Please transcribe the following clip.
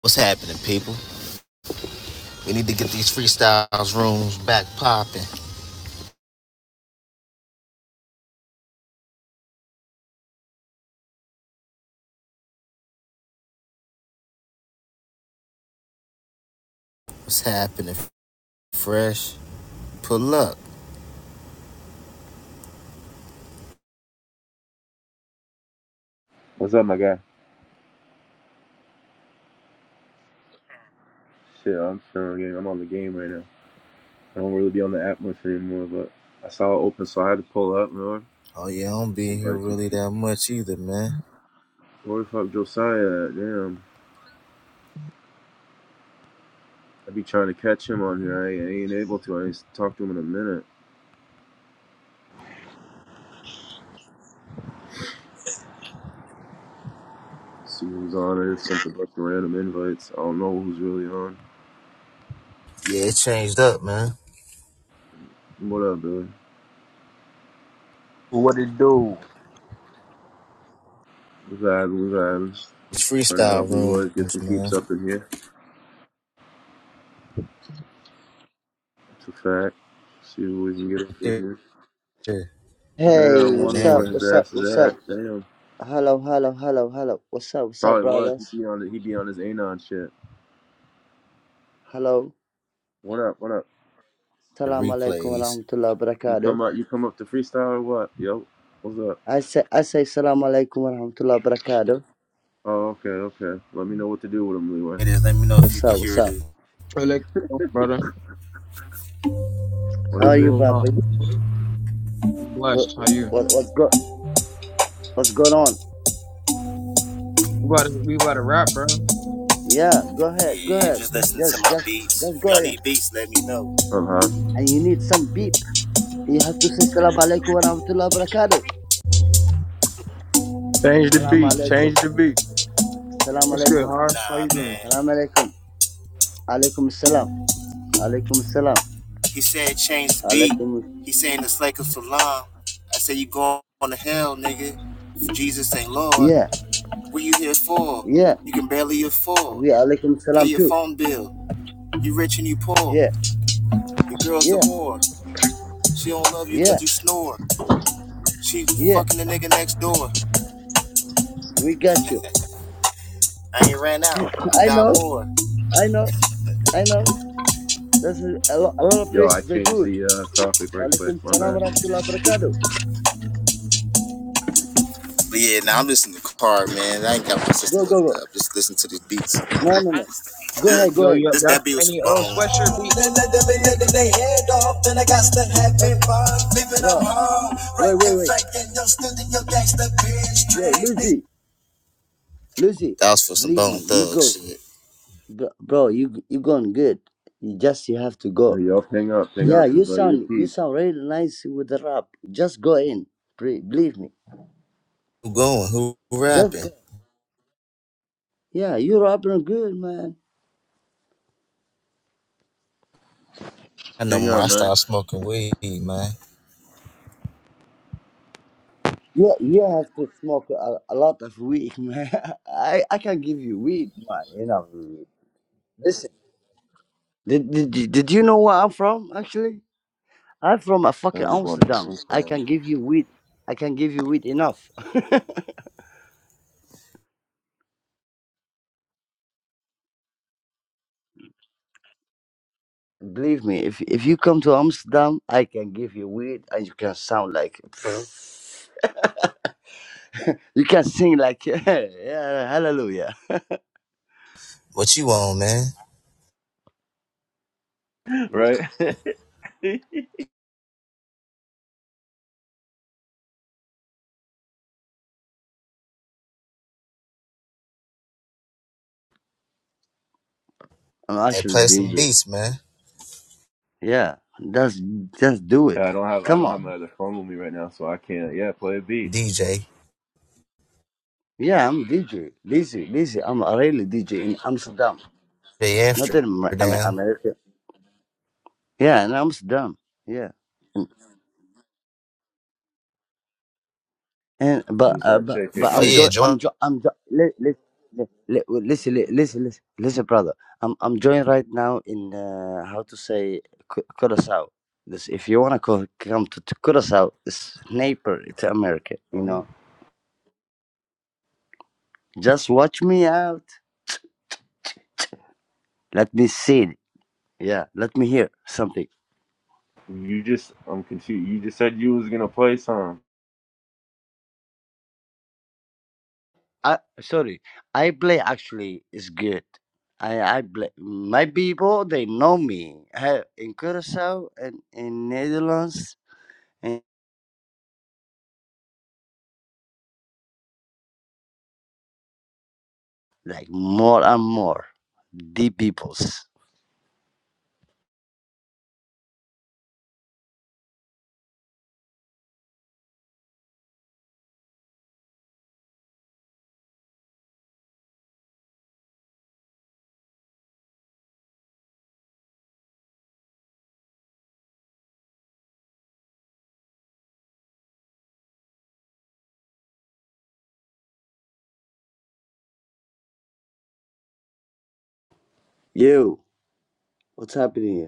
What's happening, people? We need to get these freestyles rooms back popping. What's happening? Fresh? Pull up. What's up, my guy? Shit, I'm still on game. I'm on the game right now. I don't really be on the app much anymore, but I saw it open, so I had to pull up, man. Oh yeah, I don't be here Somebody to really keep. that much either, man. Where the fuck Josiah at? Damn. I be trying to catch him on here. I ain't, I ain't able to. I ain't talked to him in a minute. Let's See who's on. I just sent a bunch of random invites. I don't know who's really on. Yeah, it changed up, man. What up, Billy? What it do? We vibing, we vibing. These Trying to help freestyle Leroy get rooms, some man. peeps up in here. It's a fact. See who we can get up in Right here. there Yeah, Hey, I'm on what's wondering where up? Nannon. his What's up? ass is What's at. up? Damn. Hello, hello, hello, hello. What's up? What's up, Probably was. He'd brothers? be on he'd be on his Anon shit. Hello. What up, what up? The Salam alaikum wa replays. rahmatullah wa You barakatuh. come up you come up to freestyle or what? Yo, what's up? I say, I say, salam alaikum wa rahmatullah wa barakatuh. Oh, okay, okay. Let me know what to do with him, Leeway. It is. Let me know if you What's can up? What's hear it. up? Hey, Lex, brother. What How is I'm are you, it? doing well. Bobby? I'm What, blessed. How you? what, what's go, what's going on? We about to, we about to rap, bro. Yeah, go ahead, go Yeah, ahead. just listening Just, to my just, beats. just If go y'all in. need beats, let me know. From Haas. And you need some beat. You have to say salam alaikum wa rahmatullah wa barakatuh. Change the Salam beat. alaikum. Change the beat. Salam What's good, alaikum. Horace? How Nah, you doing? man. Salam alaikum. Alaikum salam. Alaikum salam. He said, change the beat. Alaikum. He saying it's like a salam. I say you going to hell, nigga. If Jesus ain't Lord, Yeah, what you here for? yeah. You can barely afford. We alaikum Pay salam your too. phone bill. You rich and you poor. Yeah, Your girl's a yeah, whore. She don't love you yeah, cause you snore. She yeah. fucking the nigga next door. We got you. I ain't ran out. I I got know, more. I know, I know. This is a lot, a lot of Yo, I places they do changed it. the uh, topic right quick, Alaikum my salam wa bad. rahmatullah wa barakatuh. But yeah, now I'm listening to Car, man. I ain't got my Go, system go, hooked go. up. Just listen to these beats. No, no, no. Go ahead, go This, Yo, yo, ahead, this y'all got bro. that beat was any for old Bone. sweatshirt beats? Been letting head off, then I got to have it fun. Living up Bro, home, right wait, wait, in wait. face Yo, drink. Lucy, Lucy, That was for some believe bone me, you thug go. shit. Bro, bro, you you going good. You just you have to Yo, go. yo, ping up, ping Yeah, up, you and like sound you repeat. sound really nice with the rap. Just go in. Pre- Believe me. Who going? Who Just rapping? go. Yeah, you're up and good, man. I no Ping up, more. I man. started smoking weed, man. You, you have to smoke a, a lot of weed, man. I, I can give you weed, man. You know, listen. Did, did, did did you know where I'm from, actually? I'm from a fucking Turn the phone Amsterdam. I can down. give you weed. I can give you weed enough. Believe me, if if you come to Amsterdam, I can give you weed and you can sound like. You can sing like, yeah, hallelujah. What you on, man? Right? I'm Hey, actually play some DJ. beats, man. Yeah, that's just do it. yeah, I don't have I Come don't on. have my other phone with me right now, so I can't yeah, play a beat. DJ. Yeah, I'm DJ. DJ, DJ. I'm a really DJ in Amsterdam. Not in Amer- Amer- Amsterdam. America. Yeah, in Amsterdam. Yeah. And but Lose uh, that but ticket, but Oh I'm gang. yeah, joy. join. I'm joy. I'm joy. Li- li- li- li- listen, li- listen, listen, listen, brother. I'm I'm joined right now in uh, how to say Cu- Curacao. This, if you wanna co- come to, to Curacao, it's neighbor to America. You Uh-huh. know, just watch me out. Let me see. Yeah, let me hear something. You just I'm confused. You just said you was gonna play some. I sorry, I play actually is good. I I play my people. They know me I, in Curacao and in Netherlands and like more and more the peoples. Yo, what's happening